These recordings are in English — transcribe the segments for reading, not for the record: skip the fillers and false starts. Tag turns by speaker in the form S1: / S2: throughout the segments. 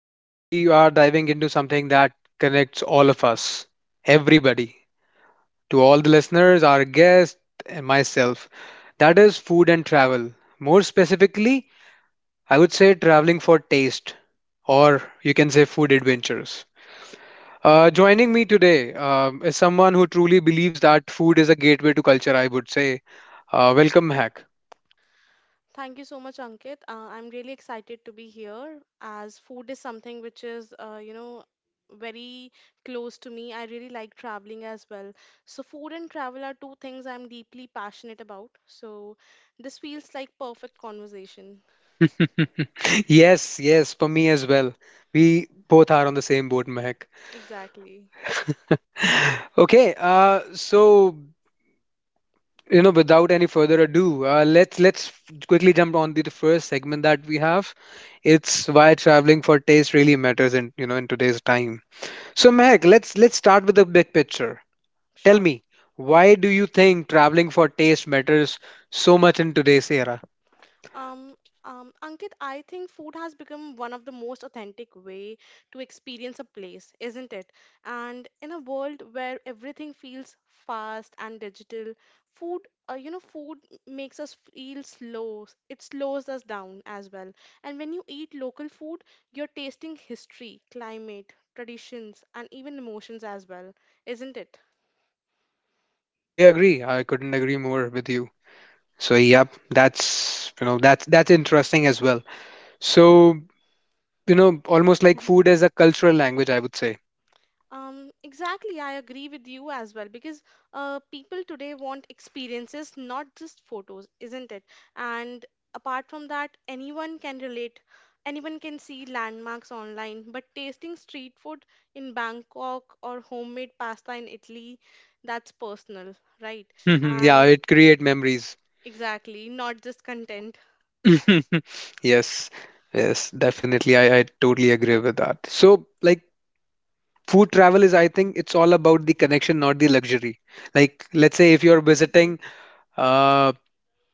S1: today we are diving into something that connects all of us, everybody, to all the listeners, our guests, and myself. That is food and travel. More specifically, I would say traveling for taste, or you can say food adventures. Joining me today is someone who truly believes that food is a gateway to culture, I would say. Welcome, Hack.
S2: Thank you so much, Ankit. I'm really excited to be here as food is something which is very close to me. I really like traveling as well. So, food and travel are two things I'm deeply passionate about. So, this feels like perfect conversation.
S1: Yes, yes, for me as well. We both are on the same boat, Mehak.
S2: Exactly.
S1: Okay, so you know, without any further ado, let's quickly jump on to the first segment that we have. It's why traveling for taste really matters in you know in today's time. So Mehak, let's start with the big picture. Tell
S2: Sure.
S1: me, why do you think traveling for taste matters so much in today's era?
S2: Um, Ankit, I think food has become one of the most authentic way to experience a place, isn't it? And in a world where everything feels fast and digital, food, food makes us feel slow. It slows us down as well. And when you eat local food, you're tasting history, climate, traditions, and even emotions as well, isn't it?
S1: Totally agree. I couldn't agree more with you. So yep, that's you know that's interesting as well. So you know almost like food as a cultural language, I would say.
S2: Exactly, I agree with you as well because people today want experiences, not just photos, isn't it? And apart from that, anyone can relate. Anyone can see landmarks online, but tasting street food in Bangkok or homemade pasta in Italy, that's personal, right?
S1: Mhm. Yeah,
S2: And
S1: it create memories.
S2: exactly, not just content.
S1: Yes, yes, definitely. I totally agree with that. So like food travel is, I think, it's all about the connection, not the luxury. Like let's say if you're visiting, uh,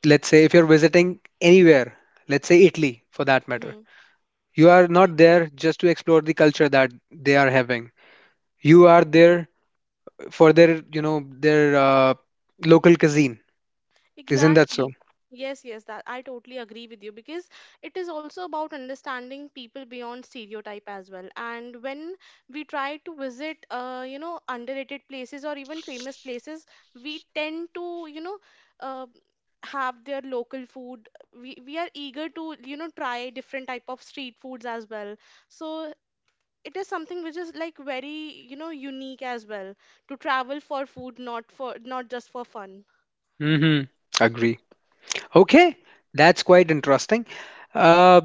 S1: let's say if you're visiting anywhere, let's say Italy for that
S2: Hmm.
S1: matter, you are not there just to explore the culture that they are having, you are there for their you know their local cuisine, isn't that so?
S2: Exactly. Yes, yes, that I totally agree with you because it is also about understanding people beyond stereotype as well. And when we try to visit, underrated places or even famous places, we tend to, you know, uh, have their local food. We are eager to try different type of street foods as well. So it is something which is like very unique as well to travel for food, not just for fun.
S1: Mm-hmm, agree. Okay, that's quite interesting. uh,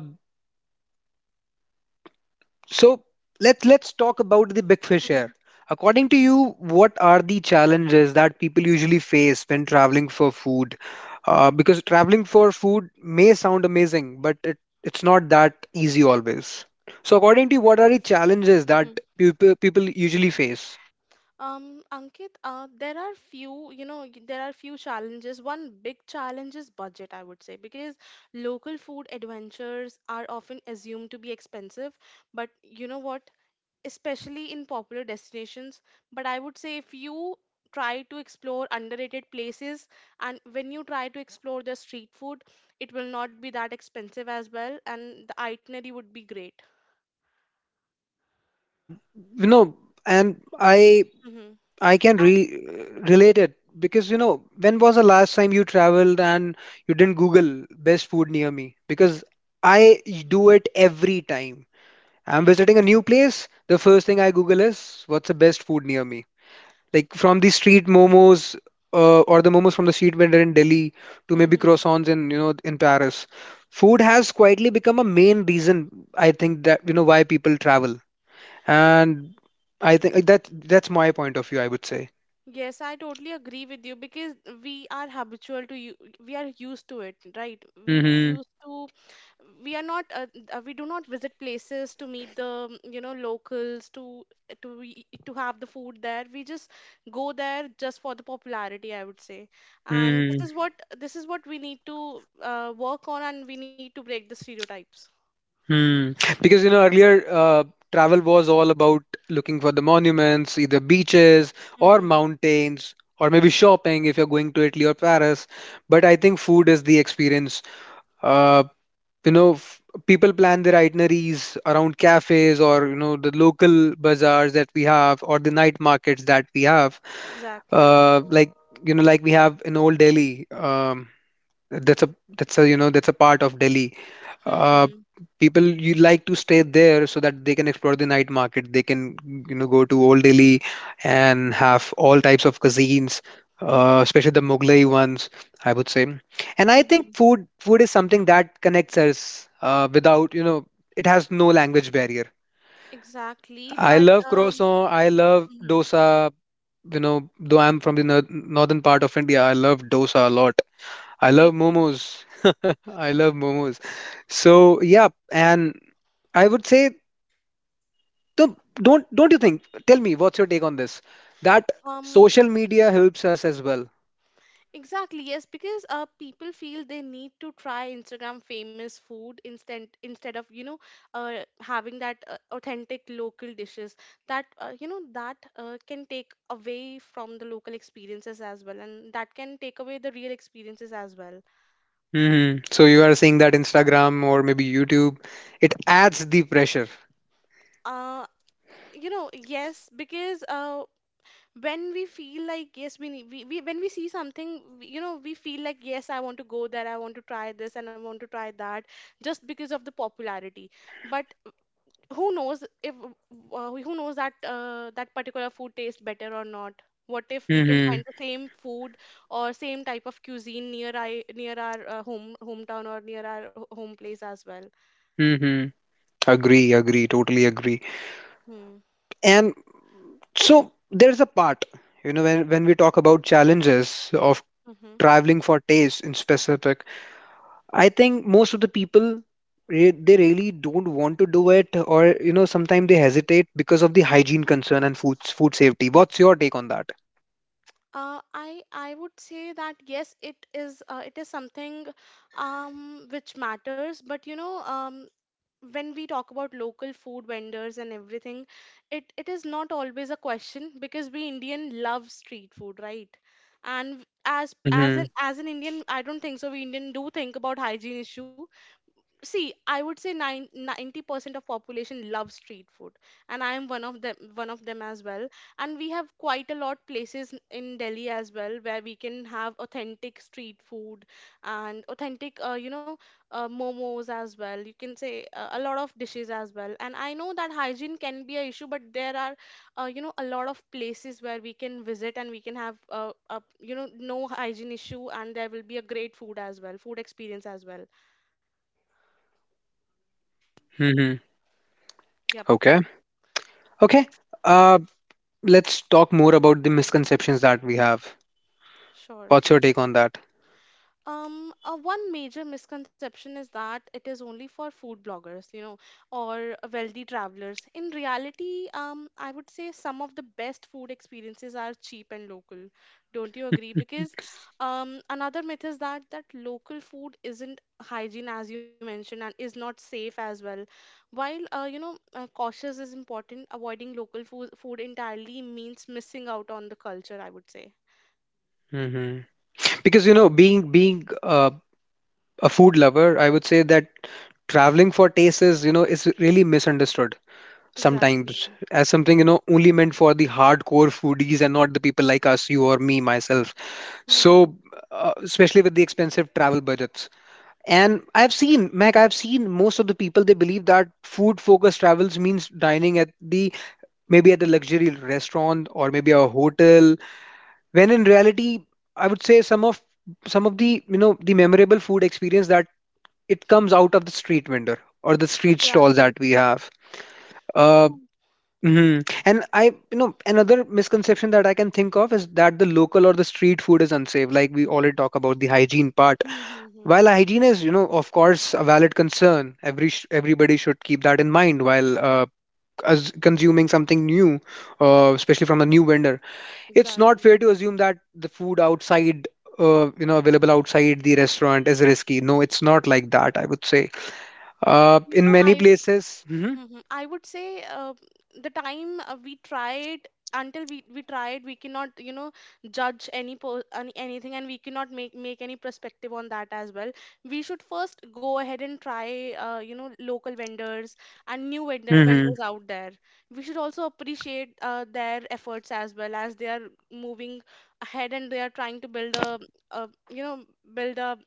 S1: so let's talk about the big fish here. According to you, what are the challenges that people usually face when traveling for food? Because traveling for food may sound amazing but it, it's not that easy always. So according to you what are the challenges that
S2: hmm
S1: people usually face?
S2: Ankit, there are few, you know, y- there are few challenges. One big challenge is budget, I would say, because local food adventures are often assumed to be expensive, but you know what? Especially in popular destinations. But I would say if you try to explore underrated places and when you try to explore the street food, it will not be that expensive as well, and the itinerary would be great.
S1: Yeah, you know, and I can
S2: Mm-hmm.
S1: relate it because you know when was the last time you traveled and you didn't Google best food near me? Because I do it every time. I'm visiting a new place. The first thing I Google is what's the best food near me? Like from the street momos or the momos from the street vendor in Delhi to maybe croissants in you know in Paris. Food has quietly become a main reason I think that you know why people travel, and I think that that's my point of view. I would say.
S2: Yes, I totally agree with you because we are habitual to you. We are used to it, right? We used to. We are not. We do not visit places to meet the locals, to have the food there. We just go there just for the popularity, I would say. And
S1: Hmm.
S2: this is what we need to work on, and we need to break the stereotypes.
S1: Hmm. Because you know earlier, travel was all about looking for the monuments, either beaches or
S2: Mm-hmm.
S1: mountains, or maybe shopping if you're going to Italy or Paris. But I think food is the experience. Uh, you know, f people plan their itineraries around cafes or you know the local bazaars that we have or the night markets that we have.
S2: Exactly.
S1: Like you know, like we have in Old Delhi. That's a that's a you know that's a part of Delhi, uh,
S2: Mm-hmm.
S1: people you like to stay there so that they can explore the night market, they can you know go to Old Delhi and have all types of cuisines,
S2: Yes.
S1: especially the Mughlai ones, I would say. And I think
S2: Mm-hmm.
S1: food is something that connects us without you know it has no language barrier.
S2: Exactly.
S1: I
S2: But
S1: love
S2: um.
S1: croissant, I love
S2: Mhm.
S1: dosa, you know though I'm from the northern part of India, I love dosa a lot. I
S2: Me
S1: love
S2: too.
S1: momos. I love momos. So yeah, and I would say don't you think? Tell me, what's your take on this? That
S2: Um,
S1: social media helps us as well.
S2: exactly, yes, because people feel they need to try Instagram famous food instead of having that authentic local dishes that can take away from the local experiences as well, and that can take away the real experiences as well.
S1: Hmm. So you are saying that Instagram or maybe YouTube, it adds the pressure.
S2: Uh, yes, because when we feel like yes, we, need, we when we see something we feel like yes, I want to go there, I want to try this and I want to try that, just because of the popularity. But who knows if who knows that that particular food tastes better or not. What if we can
S1: Hmm.
S2: find the same food or same type of cuisine near our hometown or near our home place as well.
S1: Hmm. Agree, agree, totally agree.
S2: Hmm.
S1: And so there's a part, you know, when we talk about challenges of
S2: Hmm.
S1: traveling for taste in specific, I think most of the people they really don't want to do it, or you know, sometimes they hesitate because of the hygiene concern and food safety. What's your take on that?
S2: I would say that yes, it is it is something which matters. But when we talk about local food vendors and everything, it is not always a question because we Indian love street food, right? And as as
S1: Mm-hmm.
S2: an as an Indian, I don't think so. We Indian do think about hygiene issue. See, I would say 90% of population love street food, and I am one of them as well. And we have quite a lot places in Delhi as well where we can have authentic street food, and authentic, you know, momos as well. You can say a lot of dishes as well. And I know that hygiene can be a issue, but there are, you know, a lot of places where we can visit and we can have, a, you know no hygiene issue, and there will be a great food as well, food experience as well.
S1: Mm-hmm.
S2: Yeah.
S1: Okay. Okay, uh, let's talk more about the misconceptions that we have.
S2: Sure.
S1: What's your take on that?
S2: One major misconception is that it is only for food bloggers, or wealthy travelers. In reality, I would say some of the best food experiences are cheap and local. Don't you agree? Because, another myth is that local food isn't hygiene as you mentioned and is not safe as well. While, cautious is important, avoiding local food entirely means missing out on the culture, I would say.
S1: Mm-hmm. Because you know, being a food lover, I would say that traveling for taste is you know is really misunderstood,
S2: Exactly.
S1: sometimes as something you know only meant for the hardcore foodies and not the people like us, you or me myself. So especially with the expensive travel budgets, and I've seen mac I've seen most of the people they believe that food focused travels means dining at the maybe at a luxury restaurant or maybe a hotel, when in reality I would say some of the you know the memorable food experience that it comes out of the street vendor or the street stalls
S2: Exactly.
S1: that we have. Uh,
S2: True.
S1: hmm. And I, you know, another misconception that I can think of is that the local or the street food is unsafe. Like we already talk about the hygiene part.
S2: Mm-hmm.
S1: While hygiene is, you know, of course, a valid concern, every everybody should keep that in mind while as consuming something new, especially from a new vendor. It's not
S2: Exactly.
S1: fair to assume that the food outside. You know, available outside the restaurant is risky. No, it's not like that, I would say.
S2: You
S1: In
S2: know,
S1: many
S2: I
S1: places, Mhm.
S2: Mhm. I would say, the time, we tried, until we tried, we cannot, judge anything, and we cannot make any perspective on that as well. We should first go ahead and try, local vendors and new vendors out there. We should also appreciate, their efforts as well, as they are moving ahead and they are trying to build a you know build a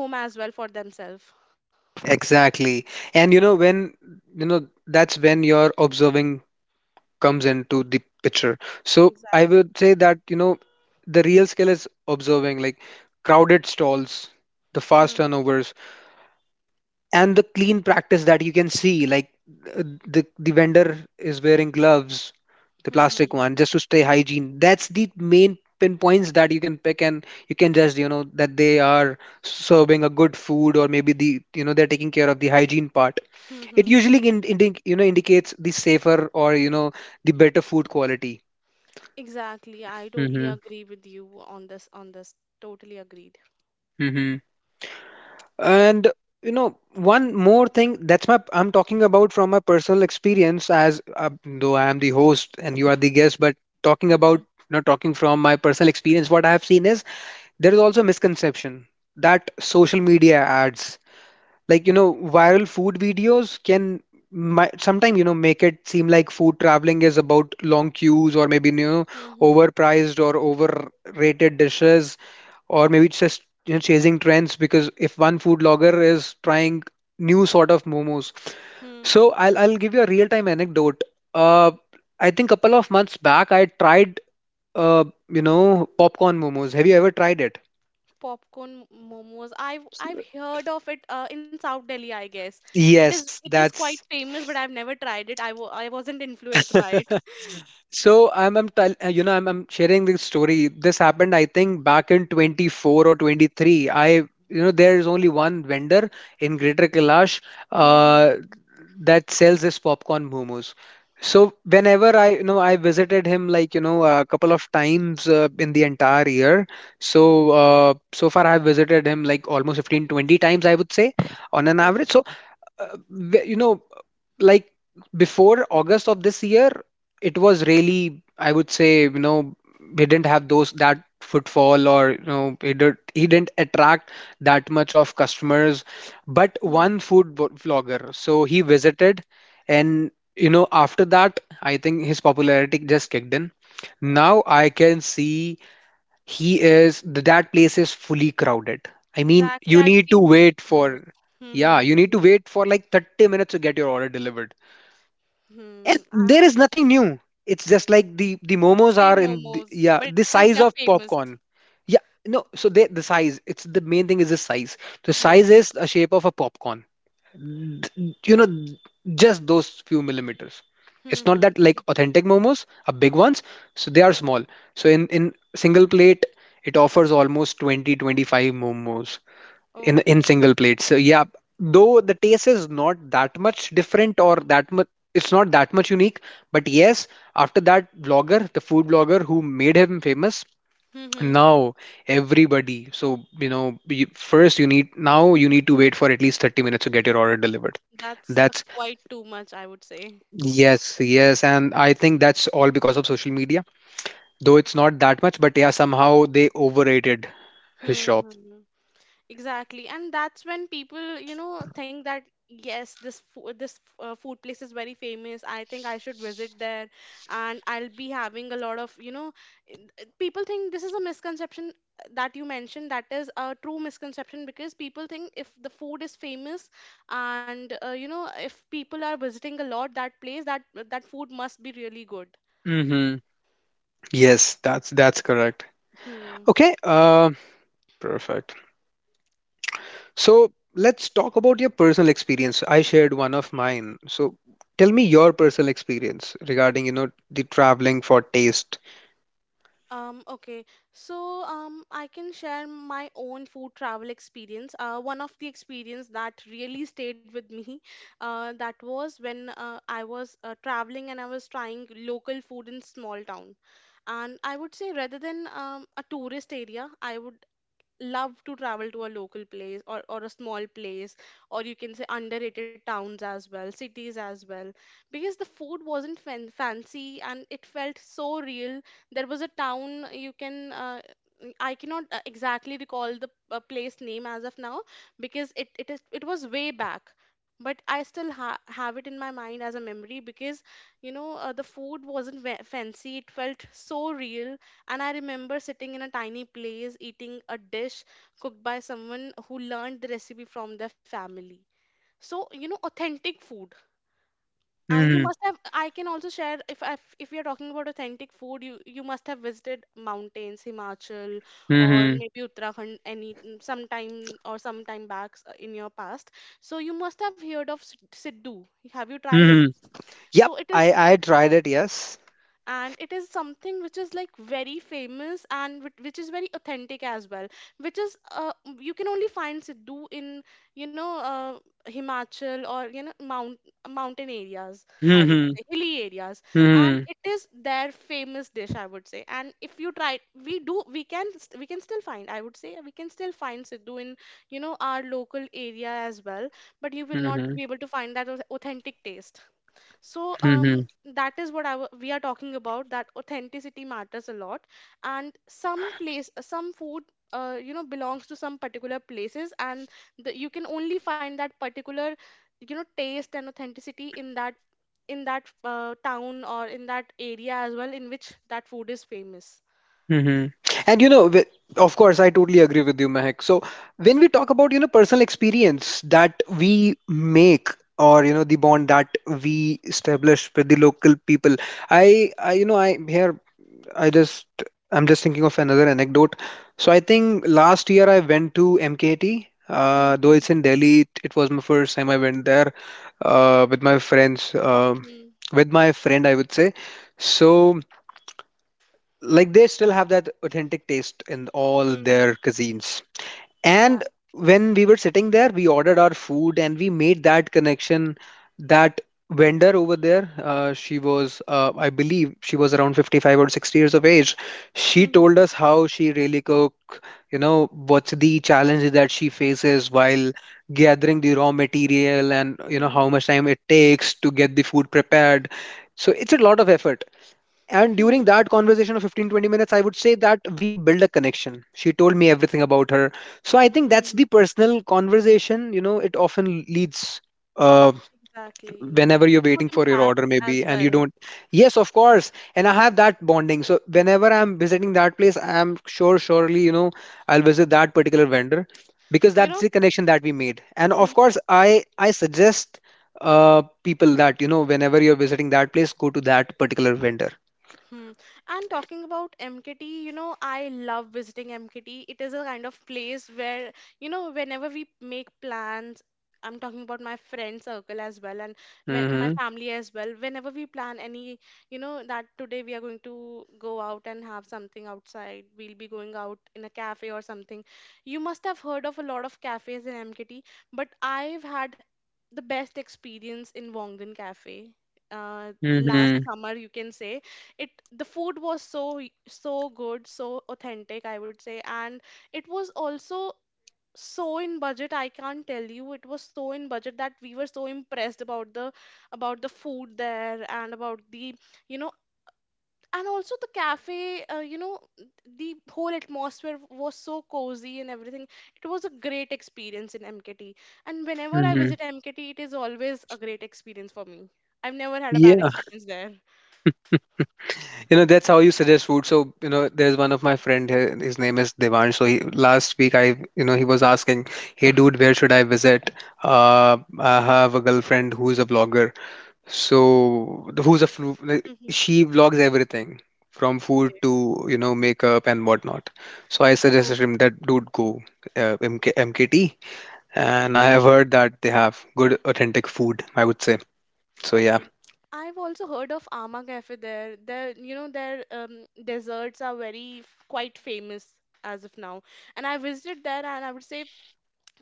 S2: home as well for themselves.
S1: Exactly. And you know, when you know, that's when your observing comes into the picture. So I
S2: Exactly.
S1: would say that, you know, the real skill is observing, like crowded stalls, the fast
S2: Hmm.
S1: turnovers, and the clean practice that you can see. Like the vendor is wearing gloves, the
S2: Hmm.
S1: plastic
S2: Hmm.
S1: one, just to stay hygiene. That's the main pinpoints that you can pick and you can just, you know, that they are serving a good food or maybe the, you know, they're taking care of the hygiene part.
S2: Hmm.
S1: It
S2: Hmm.
S1: usually you know indicates the safer or you know the better food quality.
S2: Exactly. I totally
S1: Mm-hmm.
S2: agree with you on this. On this, totally agreed.
S1: Mm-hmm. And you know, one more thing that's my I'm talking about from my personal experience as though I am the host and you are the guest, but talking about
S2: Hmm.
S1: not talking from my personal experience, what I have seen is there is also a misconception that social media ads like you know viral food videos can might sometimes you know make it seem like food traveling is about long queues or maybe you know
S2: Hmm. Hmm.
S1: overpriced or overrated dishes or maybe it's just you know chasing trends because if one food blogger is trying new sort of momos.
S2: Hmm.
S1: So I'll give you a real time anecdote. uh I think a couple of months back I tried you know popcorn momos, have you ever tried it?
S2: Popcorn momos. I've heard of it, in South Delhi, I guess. It is
S1: Yes,
S2: it is quite
S1: that's
S2: famous, but I've never tried it. I wasn't influenced by it.
S1: So you know, I'm sharing this story. This happened, I think, back in 24 or 23. I, you know, there is only one vendor in Greater Kailash
S2: Hmm. Hmm.
S1: uh, that sells this popcorn momos. So whenever I, you know, I visited him like, you know, a couple of times in the entire year.
S2: Hmm.
S1: So so far I've visited him like almost 15, 20 times, I would say, on an
S2: Oh,
S1: average. So you know, like before August of this year, it was really, I would say, you know, he didn't have those that footfall or you know he didn't attract that much of customers, but
S2: hmm.
S1: one food vlogger so he visited and you know after that I think his popularity just kicked in. Now I can see he is that place is fully crowded. I mean
S2: Exactly.
S1: you
S2: I've
S1: need to
S2: seen
S1: wait
S2: videos.
S1: for
S2: Hmm. Hmm.
S1: yeah you need
S2: Hmm.
S1: to wait for like 30 minutes to get your order delivered. And
S2: Hmm. Uh,
S1: there is nothing new, it's just like the momos
S2: same
S1: are in the,
S2: momos,
S1: yeah
S2: but it's
S1: the
S2: just
S1: size
S2: they're
S1: of
S2: famous.
S1: popcorn. Yeah, no so they the size it's the main thing is the size, the size
S2: Yes.
S1: is the shape of a popcorn. You know just those few millimeters.
S2: Hmm.
S1: It's not
S2: Hmm,
S1: that like
S2: hmm.
S1: authentic momos are big ones, so they are small. So in single plate it offers almost 20-25 momos in
S2: Okay.
S1: single plates. So yeah, though the taste is not that much different or that much, it's not that much unique, but yes, after that vlogger, the food blogger who made him famous,
S2: Hmm. Hmm.
S1: now everybody. So you know, you, first you need now you need to wait for at least 30 minutes to get your order delivered.
S2: That's,
S1: That's
S2: quite too much, I would say.
S1: yes, yes, and I think that's all because of social media. Though it's not that much, but yeah, somehow they overrated his
S2: Hmm. Hmm.
S1: shop.
S2: Hmm. Exactly. And that's when people, think that yes, this fo this food place is very famous. I think I should visit there, and I'll be having a lot of, people think this is a misconception, that you mentioned. That is a true misconception because people think if the food is famous, and, if people are visiting a lot that place, that that food must be really good.
S1: Mm-hmm. Yes, that's correct.
S2: Hmm.
S1: Okay, perfect. So let's talk about your personal experience. I shared one of mine. So tell me your personal experience regarding, you know, the traveling for taste.
S2: Okay. So, I can share my own food travel experience. One of the experience that really stayed with me, that was when, I was, traveling and I was trying local food in small town. And I would say, rather than, a tourist area, I would love to travel to a local place, or a small place, or you can say underrated towns as well, cities as well, because the food wasn't fancy and it felt so real. There was a town, you can I cannot, exactly recall the, place name as of now, because it was way back. But I still have it in my mind as a memory, because, the food wasn't fancy, it felt so real. And I remember sitting in a tiny place eating a dish cooked by someone who learned the recipe from their family. So, authentic food, you
S1: hmm
S2: must have. I can also share, if we are talking about authentic food, you must have visited mountains, Himachal, or
S1: hmm
S2: maybe Uttarakhand, sometime, or sometime back, in your past. So you must have heard of Siddu. Have you tried it?
S1: hmm Yep,
S2: So it is,
S1: I tried it, yes.
S2: and it is something which is like very famous, and which is very authentic as well, which is, you can only find Sidhu in, you know uh, Himachal, or, mountain areas, I would
S1: hmm
S2: say, hilly areas. And
S1: hmm
S2: it is their famous dish, I would say, and if you try, we do we can st- we can still find, I would say, we can still find Sidhu in, our local area as well, but you will not be
S1: hmm
S2: able to find that authentic taste. So,
S1: hmm
S2: that is what I w we are talking about, that authenticity matters a lot. And some place, some food, belongs to some particular places, and you can only find that particular, taste and authenticity in that, town, or in that area as well, in which that food is famous.
S1: hmm And you know, of course, I totally agree with you, Mehak. So when we talk about, you know, personal experience that we make or, you know, the bond that we establish with the local people, I here I just I'm just thinking of another anecdote. So I think last year I went to MKT. Though
S2: Hmm.
S1: it's in Delhi, it was my first time I went there with my friends,
S2: Hmm.
S1: with my friend, I would say. So like they still have that authentic taste in all
S2: Hmm.
S1: their cuisines. And
S2: Exactly.
S1: when we were sitting there, we ordered our food and we made that connection. That vendor over there, she was, I believe, she was around 55 or 60 years of age. She
S2: Hmm.
S1: told us how she really cook, you know, what's the challenges that she faces while gathering the raw material and, you know,
S2: Hmm.
S1: how much time it takes to get the food prepared. So it's a lot of effort. And during
S2: Hmm.
S1: that conversation of 15-20 minutes, I would say that we build a connection. She told me everything about her. So I think
S2: Hmm.
S1: that's the personal conversation, you know, it often leads uh
S2: Exactly.
S1: whenever you're
S2: Good
S1: waiting for your
S2: impact
S1: order
S2: as
S1: maybe and you
S2: well.
S1: don't. Yes, of course, and I have that bonding, so whenever I'm visiting that place, I'm sure surely, you know, I'll visit that particular vendor because
S2: You
S1: that's
S2: know?
S1: the connection that we made. And of course, I suggest people that, you know, whenever you're visiting that place, go to that particular vendor.
S2: Hmm. And talking about MKT, I love visiting MKT. It is a kind of place where, whenever we make plans, I'm talking about my friend circle as well, and my
S1: Mm-hmm.
S2: family as well. Whenever we plan any, that today we are going to go out and have something outside, we'll be going out in a cafe or something. You must have heard of a lot of cafes in MKT, but I've had the best experience in Wongden Cafe last
S1: Mhm.
S2: summer, you can say it, the food was so good, so authentic, I would say. And it was also so in budget, I can't tell you, it was so in budget that we were so impressed about the, about the food there, and about the, you know and also the cafe, the whole atmosphere was so cozy and everything. It was a great experience in MKT, and whenever I
S1: Mhm.
S2: visit MKT, it is always a great experience for me. I've never had a
S1: Yeah.
S2: bad experience there.
S1: You know, that's how you suggest food. So, you know, there's one of my friend here, his name is Devansh. So he, last week you know, he was asking, "Hey dude, where should I visit?" I have a girlfriend who's a vlogger. So, like,
S2: Mhm.
S1: she vlogs everything from food
S2: Yeah.
S1: to, you know, makeup and whatnot. So I
S2: Oh.
S1: suggested him that dude go MK MKT, and I have heard that they have good authentic food, I would say. So
S2: Hmm. I've also heard of Ama Cafe there. Their desserts are very quite famous as of now. And I visited there, and I would say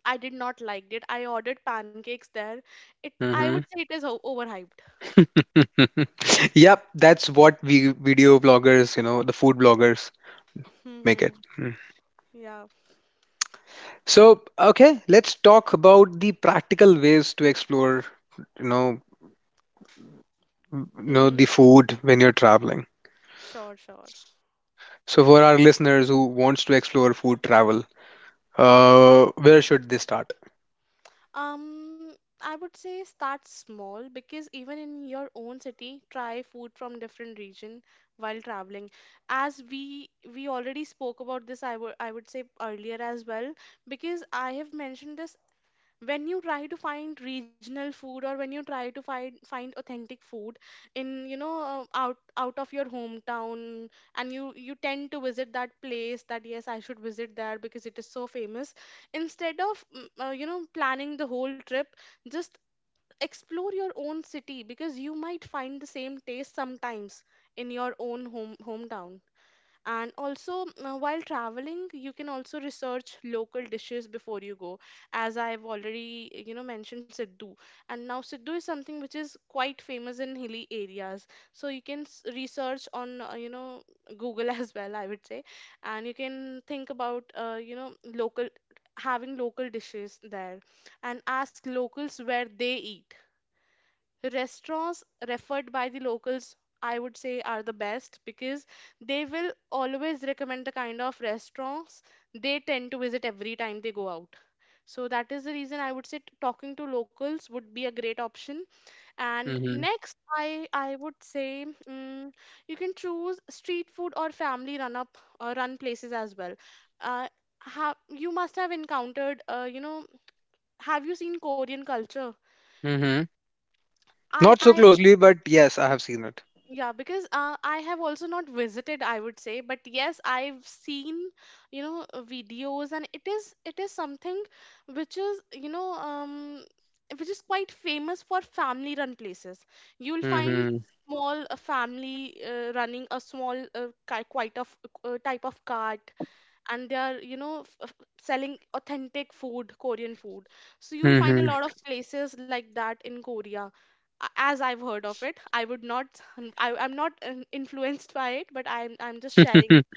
S2: I did not like it. I ordered pancakes there. It, I would
S1: yeah.
S2: say, it is overhyped.
S1: Yep, that's what we video bloggers, you know, the food bloggers make it.
S2: Hmm.
S1: Mm.
S2: Yeah.
S1: So, okay, let's talk about the practical ways to explore, you know, you know
S2: Hmm.
S1: the food when you're traveling.
S2: Sure, sure.
S1: So, for our listeners who wants to explore food travel, where should they start?
S2: Um, I would say start small, because even in your own city, try food from different region while traveling. As we already spoke about this, I would say earlier as well, because I have mentioned this. When you try to find regional food, or when you try to find authentic food in, out of your hometown, and you tend to visit that place, that yes, I should visit there because it is so famous, instead of planning the whole trip, just explore your own city, because you might find the same taste sometimes in your own hometown. And also, while traveling, you can also research local dishes before you go, as I've already mentioned Siddu, and now Siddu is something which is quite famous in hilly areas, so you can research on, Google, as well, I would say. And you can think about, local, having local dishes there, and ask locals where they eat. Restaurants referred by the locals, I would say, are the best, because they will always recommend the kind of restaurants they tend to visit every time they go out. So that is the reason, I would say, talking to locals would be a great option. And
S1: Mm-hmm.
S2: next, I would say. You can choose street food or family run places as well. Uh, have You must have encountered, have you seen Korean culture?
S1: Mm-hmm.
S2: I
S1: Not so
S2: I
S1: closely, but yes, I have seen it.
S2: Yeah, because I have also not visited, I would say, but yes, I've seen, videos, and it is something which is, which is quite famous for family-run places. You'll find
S1: Mm-hmm.
S2: small, family, running a small, quite of, type of cart, and they are, selling authentic food, Korean food. So you'll find a
S1: Mm-hmm.
S2: lot of places like that in Korea, as I've heard of it. I would not. I'm not influenced by it, but I'm just sharing.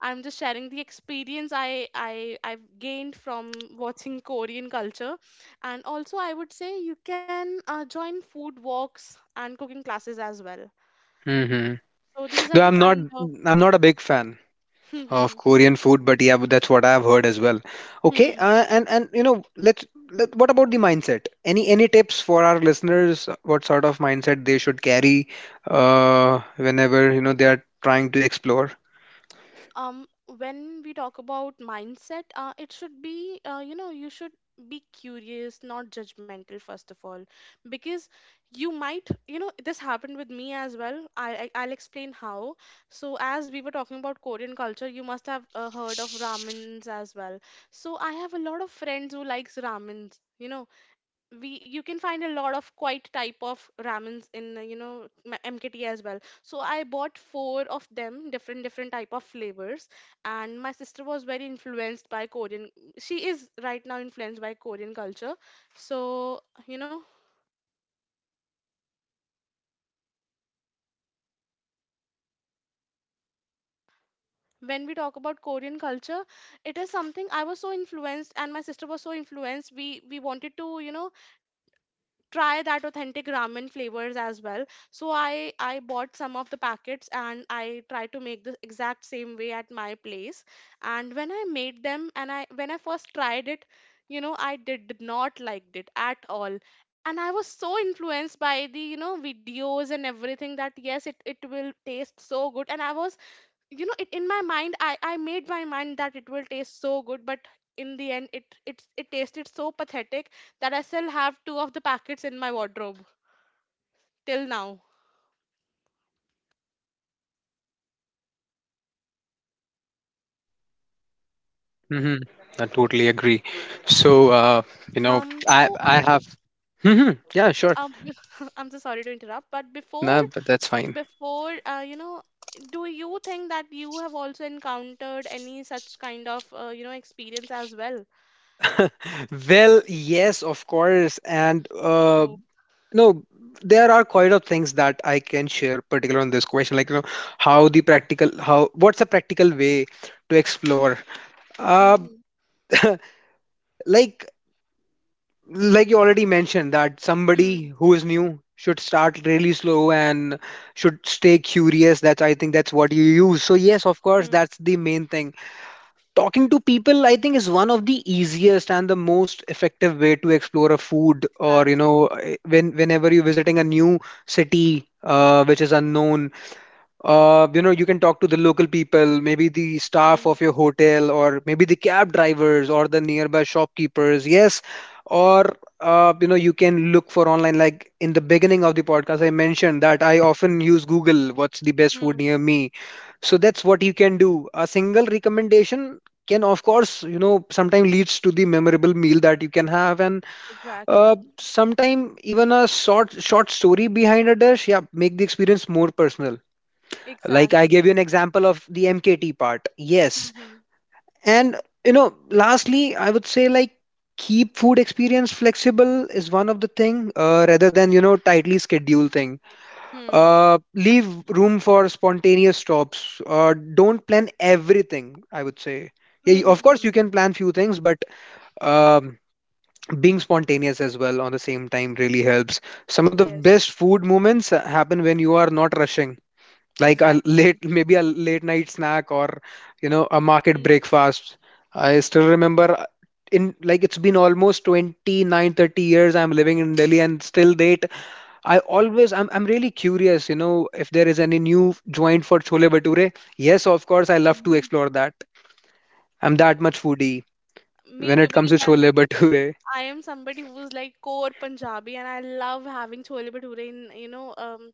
S2: I'm just sharing the experience I've gained from watching Korean culture. And also, I would say, you can join food walks and cooking classes as well.
S1: Mm-hmm.
S2: So these are
S1: Though
S2: the kind of.
S1: I'm not a big fan of Korean food, but yeah, but that's what I've heard as well. Okay,
S2: hmm
S1: and you know, what about the mindset? Any tips for our listeners? What sort of mindset they should carry whenever you know they are trying to explore?
S2: um when we talk about mindset, it should be, you should be curious, not judgmental, first of all. Because you might, this happened with me as well. I'll explain how. So as we were talking about Korean culture, you must have heard of ramens as well. So I have a lot of friends who likes ramens. You know we You can find a lot of quite type of ramens in, MKT as well. So I bought four of them, different type of flavors. And my sister was very influenced by Korean, she is right now influenced by Korean culture. So, you know when we talk about Korean culture, it is something I was so influenced, and my sister was so influenced. We wanted to, try that authentic ramen flavors as well. So I bought some of the packets, and I tried to make the exact same way at my place. And when I made them, and I, when I first tried it, I did not liked it at all. And I was so influenced by the, videos and everything, that yes, it will taste so good, and I was, in my mind, I made my mind that it will taste so good. But in the end, it tasted so pathetic that I still have two of the packets in my wardrobe till now.
S1: hmm I totally agree. So, you know,
S2: So
S1: I have.
S2: Ankit,
S1: Yeah, sure.
S2: I'm so sorry to interrupt, but before
S1: No, but that's fine.
S2: before uh, you know do you think that you have also encountered any such kind of, experience as well?
S1: Well, yes, of course, and
S2: Oh.
S1: no, there are quite of things that I can share, particular on this question, like you know how the practical how what's a practical way to explore. Uh,
S2: Mm-hmm.
S1: like like you already mentioned that somebody who is new should start really slow and should stay curious. That's I think that's what you use. So yes, of course,
S2: Mm-hmm.
S1: that's the main thing. Talking to people, I think, is one of the easiest and the most effective way to explore a food or you
S2: Exactly.
S1: know, when whenever you're visiting a new city which is unknown. You know, you can talk to the local people, maybe the staff of your hotel, or maybe the cab drivers or the nearby shopkeepers. Yes, or you know, you can look for online. Like in the beginning of the podcast, I mentioned that I often use Google. What's the best food
S2: Mm-hmm.
S1: near me? So that's what you can do. A single recommendation can, of course, you know, sometimes leads to the memorable meal that you can have, and
S2: Exactly.
S1: sometime even a short story behind a dish. Yeah, make the experience more personal like I gave you
S2: Exactly.
S1: an example of the MKT part. Yes,
S2: Mm-hmm.
S1: and you know, lastly I would say, like, keep food experience flexible is one of the thing, rather than you know tightly schedule thing. Leave room for spontaneous stops. Don't plan everything, I would say. Yeah, of course you
S2: Mm-hmm.
S1: can plan few things, but um, being spontaneous as well on the same time really helps. Some of the
S2: Yes,
S1: best food moments happen when you are not rushing, like a
S2: exactly.
S1: late, maybe a late night snack, or you know, a market
S2: Hmm.
S1: breakfast. I still remember in, like, it's been almost 29-30 years I'm living in Delhi, and still date, I'm really curious, you know, if there is any new joint for chole bhature. Yes, of course, I
S2: Exactly,
S1: love to
S2: me
S1: explore
S2: too.
S1: that. I'm that much foodie
S2: Me
S1: when
S2: too,
S1: it comes
S2: because
S1: to
S2: I'm
S1: chole bhature.
S2: I am somebody who's like core Punjabi, and I love having chole bhature in you know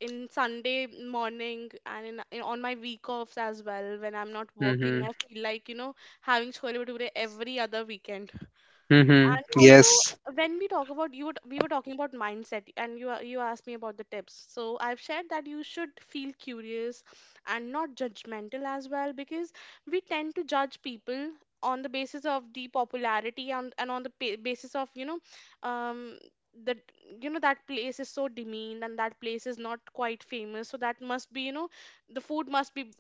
S2: in Sunday morning, and in on my week offs as well, when I'm not working.
S1: Mm-hmm.
S2: I feel like, having chole bhature every other weekend.
S1: Mm-hmm.
S2: And also,
S1: Yes.
S2: when we talk about, we were talking about mindset, and you asked me about the tips, so I've shared that you should feel curious, and not judgmental as well, because we tend to judge people on the basis of the popularity, and on the basis of, you know um that you know that place is so demeaned, and that place is not quite famous, so that must be, the food must be,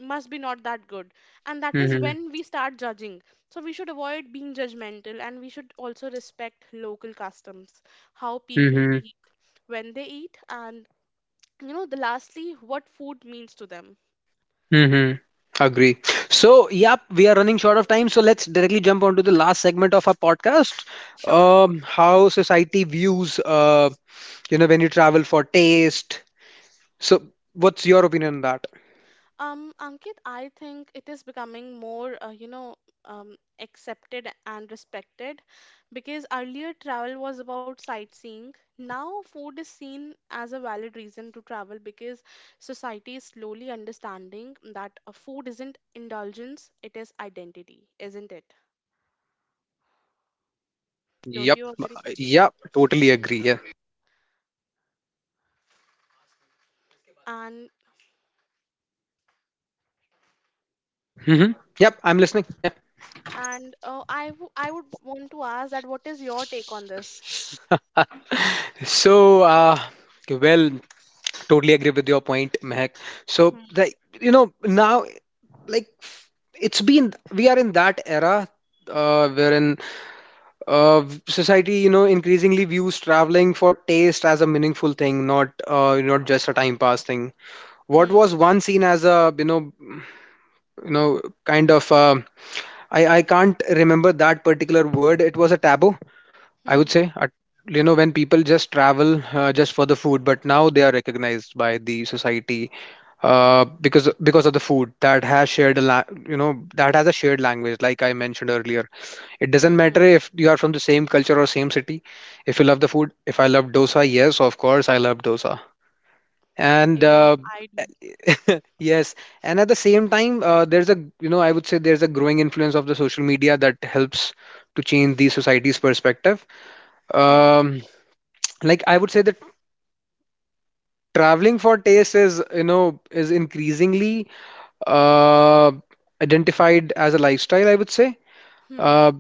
S2: not that good. And that is when we start judging. So we should avoid being judgmental, and we should also respect local customs: how people
S1: Mm-hmm.
S2: eat, when they eat, and, you know, the lastly, what food means to them.
S1: Mm-hmm. Agree. So, yep, we are running short of time. So, let's directly jump onto the last segment of our podcast.
S2: Sure.
S1: How society views, you know, when you travel for taste. So, what's your opinion on that?
S2: Ankit, I think it is becoming more, um, accepted and respected, because earlier travel was about sightseeing. Now, food is seen as a valid reason to travel, because society is slowly understanding that a food isn't indulgence, it is identity, isn't it? Don't
S1: Yep.
S2: you agree?
S1: Yep. Totally agree. Yeah.
S2: And
S1: Mm-hmm. Yep. I'm listening. Yeah.
S2: I would want to ask, that what is your take on this?
S1: So, well, totally agree with your point, Mehak. So,
S2: Hmm.
S1: you know, now, like, we are in that era wherein uh, society, you know, increasingly views traveling for taste as a meaningful thing, not not just a time pass thing. What
S2: Hmm.
S1: was once seen as a, you know, kind of, I can't remember that particular word. It was a taboo, I would
S2: Hmm.
S1: say. A, you know, when people just travel just for the food, but now they are recognized by the society because of the food that has shared you know that has a shared language, like I mentioned earlier. It
S2: Hmm.
S1: doesn't
S2: Hmm.
S1: matter if you are from the same culture or same city. If you love the food, if I love dosa, yes, of course, I love dosa. And
S2: Even
S1: uh,
S2: I do.
S1: yes, and at the same time, there's a you know I would say there's a growing influence of the social media that helps to change the society's perspective.
S2: Hmm.
S1: Um, like I would say that traveling for taste is you know is increasingly uh, identified as a lifestyle. I would say.
S2: Hmm.
S1: Uh,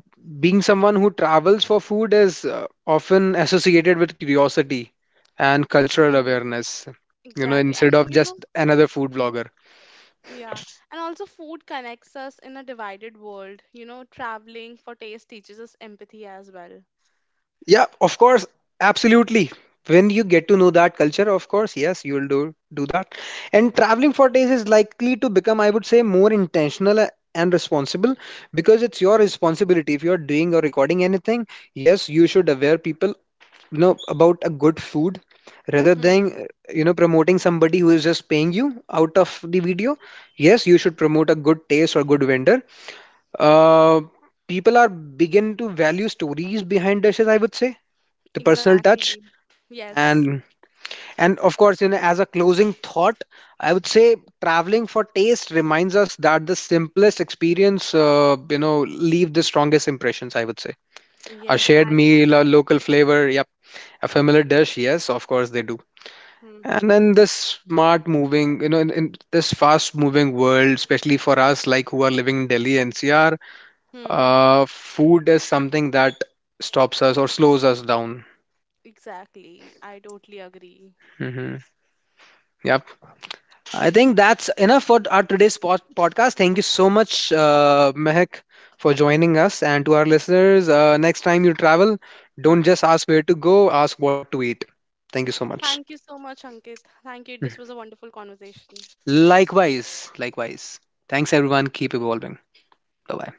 S1: Being someone who travels for food is often associated with curiosity and cultural
S2: Hmm.
S1: awareness, you know,
S2: Exactly. And
S1: instead of
S2: you know.
S1: just another food
S2: Hmm.
S1: blogger.
S2: Yeah. And also, food connects us in a divided world. You know, traveling for taste teaches us empathy as well.
S1: Yeah, of course, absolutely. When you get to know that culture, of course, yes, you will do that. And traveling for days is likely to become, I would say, more intentional and responsible because it's your
S2: Hmm.
S1: responsibility. If you're doing or recording anything, yes, you should aware people you know about a good food rather than
S2: Hmm.
S1: you know promoting somebody who is just paying you out of the video. Yes, you should promote a good taste or good vendor. uh, People are begin to value stories behind dishes, I would say, the personal touch.
S2: Exactly. Yes.
S1: and and of course, you know, as a closing thought, I would say traveling for taste reminds us that the simplest experience you know leave the strongest impressions, I would say. A
S2: Yes.
S1: shared
S2: I.
S1: meal, a local flavor, yep, a familiar dish, yes, of course they do.
S2: Hmm.
S1: And
S2: Hmm.
S1: in this smart moving, you know, in this fast moving world, especially for us like who are living in Delhi NCR,
S2: Hmm.
S1: food is something that stops us or slows us down.
S2: Exactly, I totally agree.
S1: hmm Yep. I think that's enough for our today's podcast. Thank you so much, Mehak, for joining us. And to our listeners, next time you travel, don't
S2: Hmm.
S1: just ask where to go, ask what to eat. Thank you so much.
S2: Thank you so much, Ankit. Thank you. This was a
S1: Mhm.
S2: wonderful conversation.
S1: Likewise, likewise. Thanks, everyone. Keep evolving. Bye bye.